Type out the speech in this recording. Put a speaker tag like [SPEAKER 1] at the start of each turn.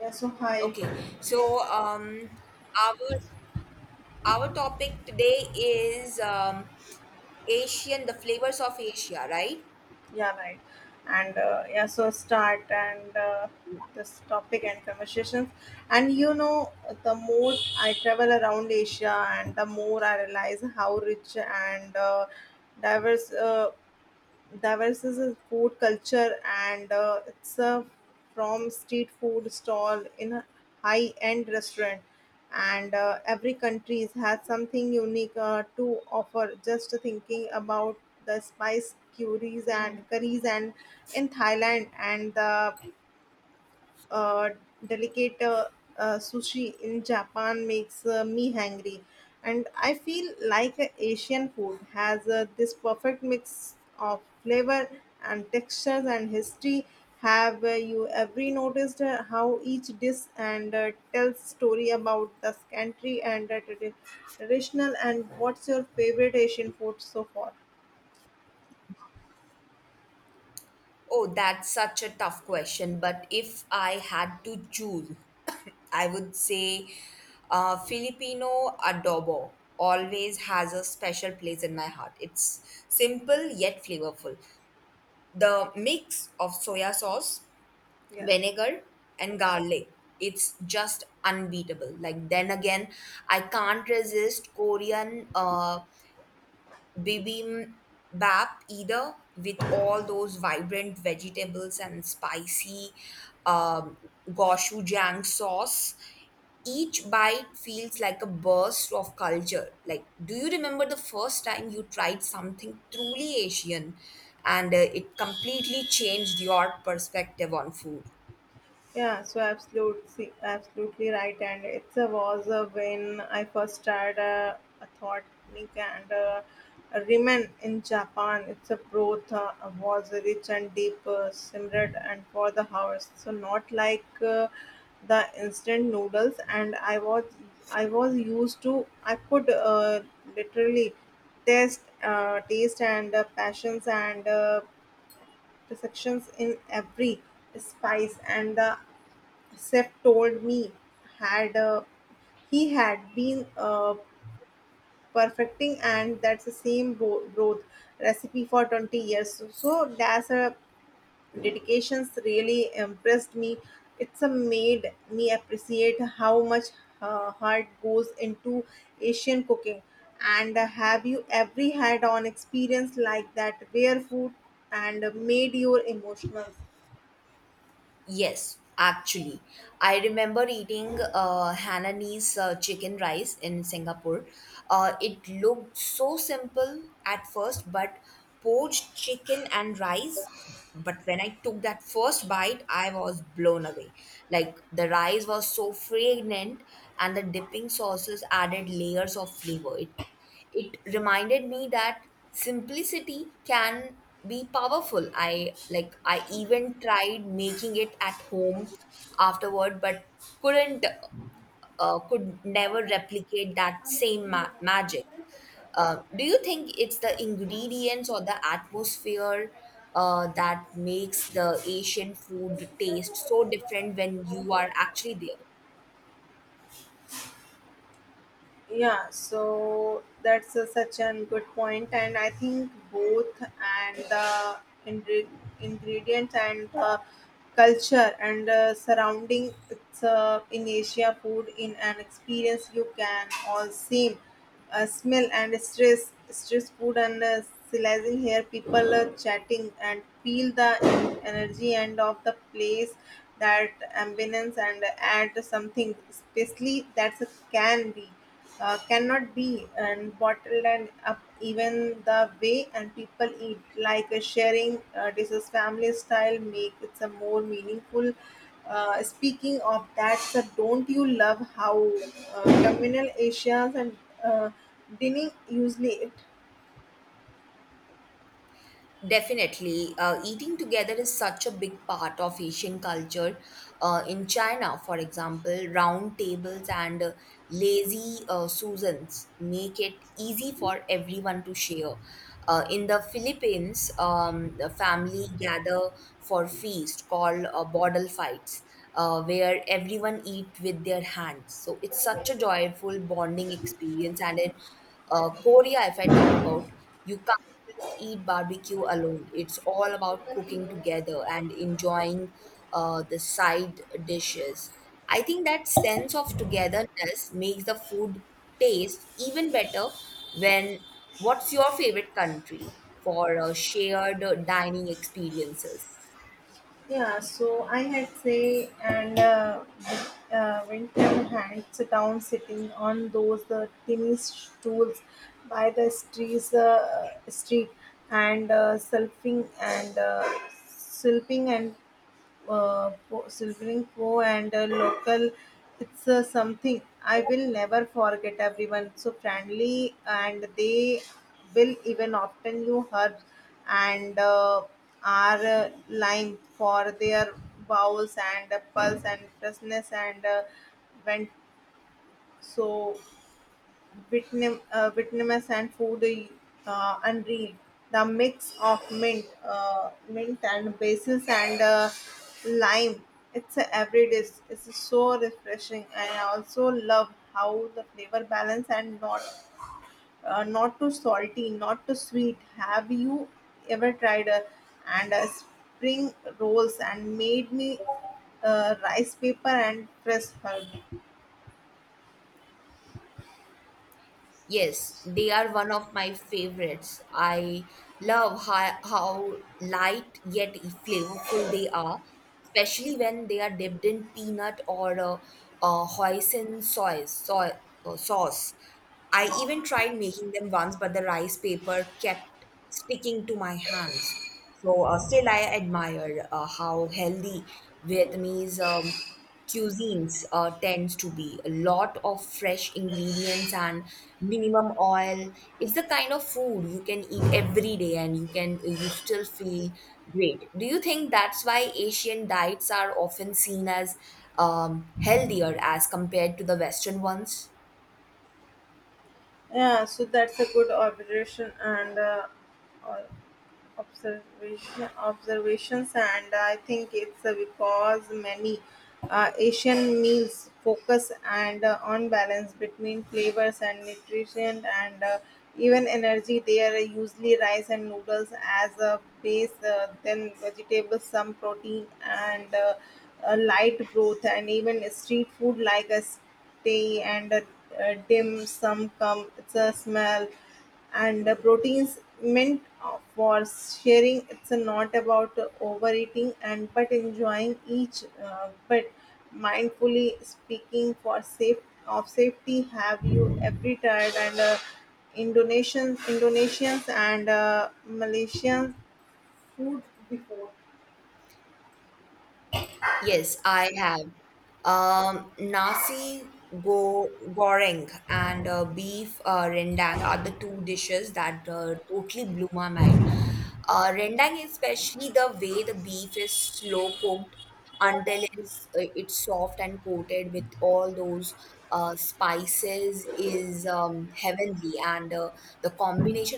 [SPEAKER 1] Yeah, so hi.
[SPEAKER 2] Okay, so um, our our topic today is Asian, the flavors of Asia, right?
[SPEAKER 1] Yeah, right. So start and this topic and conversations. And you know, the more I travel around Asia, and the more I realize how rich and diverse. Davos is a food culture, and it's a from street food stall in a high-end restaurant. And every country has something unique to offer. Just thinking about the spice curries, and in Thailand and the uh, delicate sushi in Japan makes me hungry, and I feel like Asian food has this perfect mix of flavor and textures and history. Have you ever noticed how each dish and tells story about the country and traditional? And what's your favorite Asian food so far?
[SPEAKER 2] Oh, that's such a tough question. But if I had to choose, I would say Filipino adobo always has a special place in my heart. It's simple yet flavorful. The mix of soya sauce,
[SPEAKER 1] Yeah.
[SPEAKER 2] vinegar and garlic, it's just unbeatable. Like then again, I can't resist Korean bibimbap, either, with all those vibrant vegetables and spicy um, gochujang sauce. Each bite feels like a burst of culture. Like, do you remember the first time you tried something truly Asian and it completely changed your perspective on food?
[SPEAKER 1] Yeah, so absolutely, absolutely right. And it was when I first started a thought clinic and a ramen in Japan. It's a broth was rich and deep, simmered and for the hours. So not like the instant noodles. I was used to. I could literally taste, taste and passions and perceptions in every spice and the Seth told me had he had been perfecting and that's the same broth recipe for 20 years, so, so that's a dedications really impressed me. It's a made me appreciate how much heart goes into Asian cooking, and have you ever had an experience like that where food and made your emotional?
[SPEAKER 2] Yes, actually. I remember eating Hainanese chicken rice in Singapore. It looked so simple at first, but poached chicken and rice. But when I took that first bite, I was blown away. Like, the rice was so fragrant, and the dipping sauces added layers of flavor. It reminded me that simplicity can be powerful. I like I even tried making it at home afterward, but couldn't could never replicate that same magic. Do you think it's the ingredients or the atmosphere that makes the Asian food taste so different when you are actually there?
[SPEAKER 1] Yeah, so that's a, such a good point, and I think both and the ingre- ingredients and the culture and surrounding it's in Asia food in an experience you can all same smell and stress food and silencing here, people chatting and feel the energy and of the place, that ambience and add something, especially that's a can be. Cannot be and bottled and up, even the way and people eat like sharing dishes family style make it a more meaningful. Speaking of that, sir, don't you love how communal Asians and uh, dining usually it?
[SPEAKER 2] Definitely. Uh, eating together is such a big part of Asian culture. In China, for example, round tables and lazy Susans make it easy for everyone to share. In the Philippines, the family gather for feast called bottle fights, where everyone eat with their hands. So it's such a joyful bonding experience. And in Korea, if I talk about, you can't just eat barbecue alone. It's all about cooking together and enjoying the side dishes. I think that sense of togetherness makes the food taste even better when what's your favorite country for shared dining experiences?
[SPEAKER 1] Yeah, so I had say and Winter had sitting on those tiny stools by the streets, street and selfing and slurping and Silvering Po and a local. It's something I will never forget. Everyone so friendly, and they will even often you heard and are lime for their bowels and pulse and freshness, and went so Vietnam, Vietnamese and food unreal. The mix of mint and basil and lime. It's a every dish. It's so refreshing, and I also love how the flavor balance and not not too salty, not too sweet. Have you ever tried and spring rolls and made me rice paper and fresh herb?
[SPEAKER 2] Yes, they are one of my favorites. I love how light yet flavorful they are, especially when they are dipped in peanut or hoisin soy sauce. I even tried making them once, but the rice paper kept sticking to my hands. So still, I admire how healthy Vietnamese cuisines tends to be a lot of fresh ingredients and minimum oil. It's the kind of food you can eat every day and you still feel great. Do you think that's why Asian diets are often seen as healthier as compared to the Western ones?
[SPEAKER 1] Yeah, so that's a good observation, and all observations, and I think it's because many Asian meals focus and on balance between flavors and nutrition and even energy. They are usually rice and noodles as a base, then vegetables, some protein, and a light broth, and even street food like a stay and a dim sum come it's a smell and proteins meant for sharing. It's not about overeating and but enjoying each bit mindfully, speaking for safe of safety. Have you every tired and Indonesians and Malaysian food before?
[SPEAKER 2] Yes, I have. Nasi go goreng and beef rendang are the two dishes that totally blew my mind. Rendang, especially the way the beef is slow cooked until it's soft and coated with all those spices, is heavenly. And the combination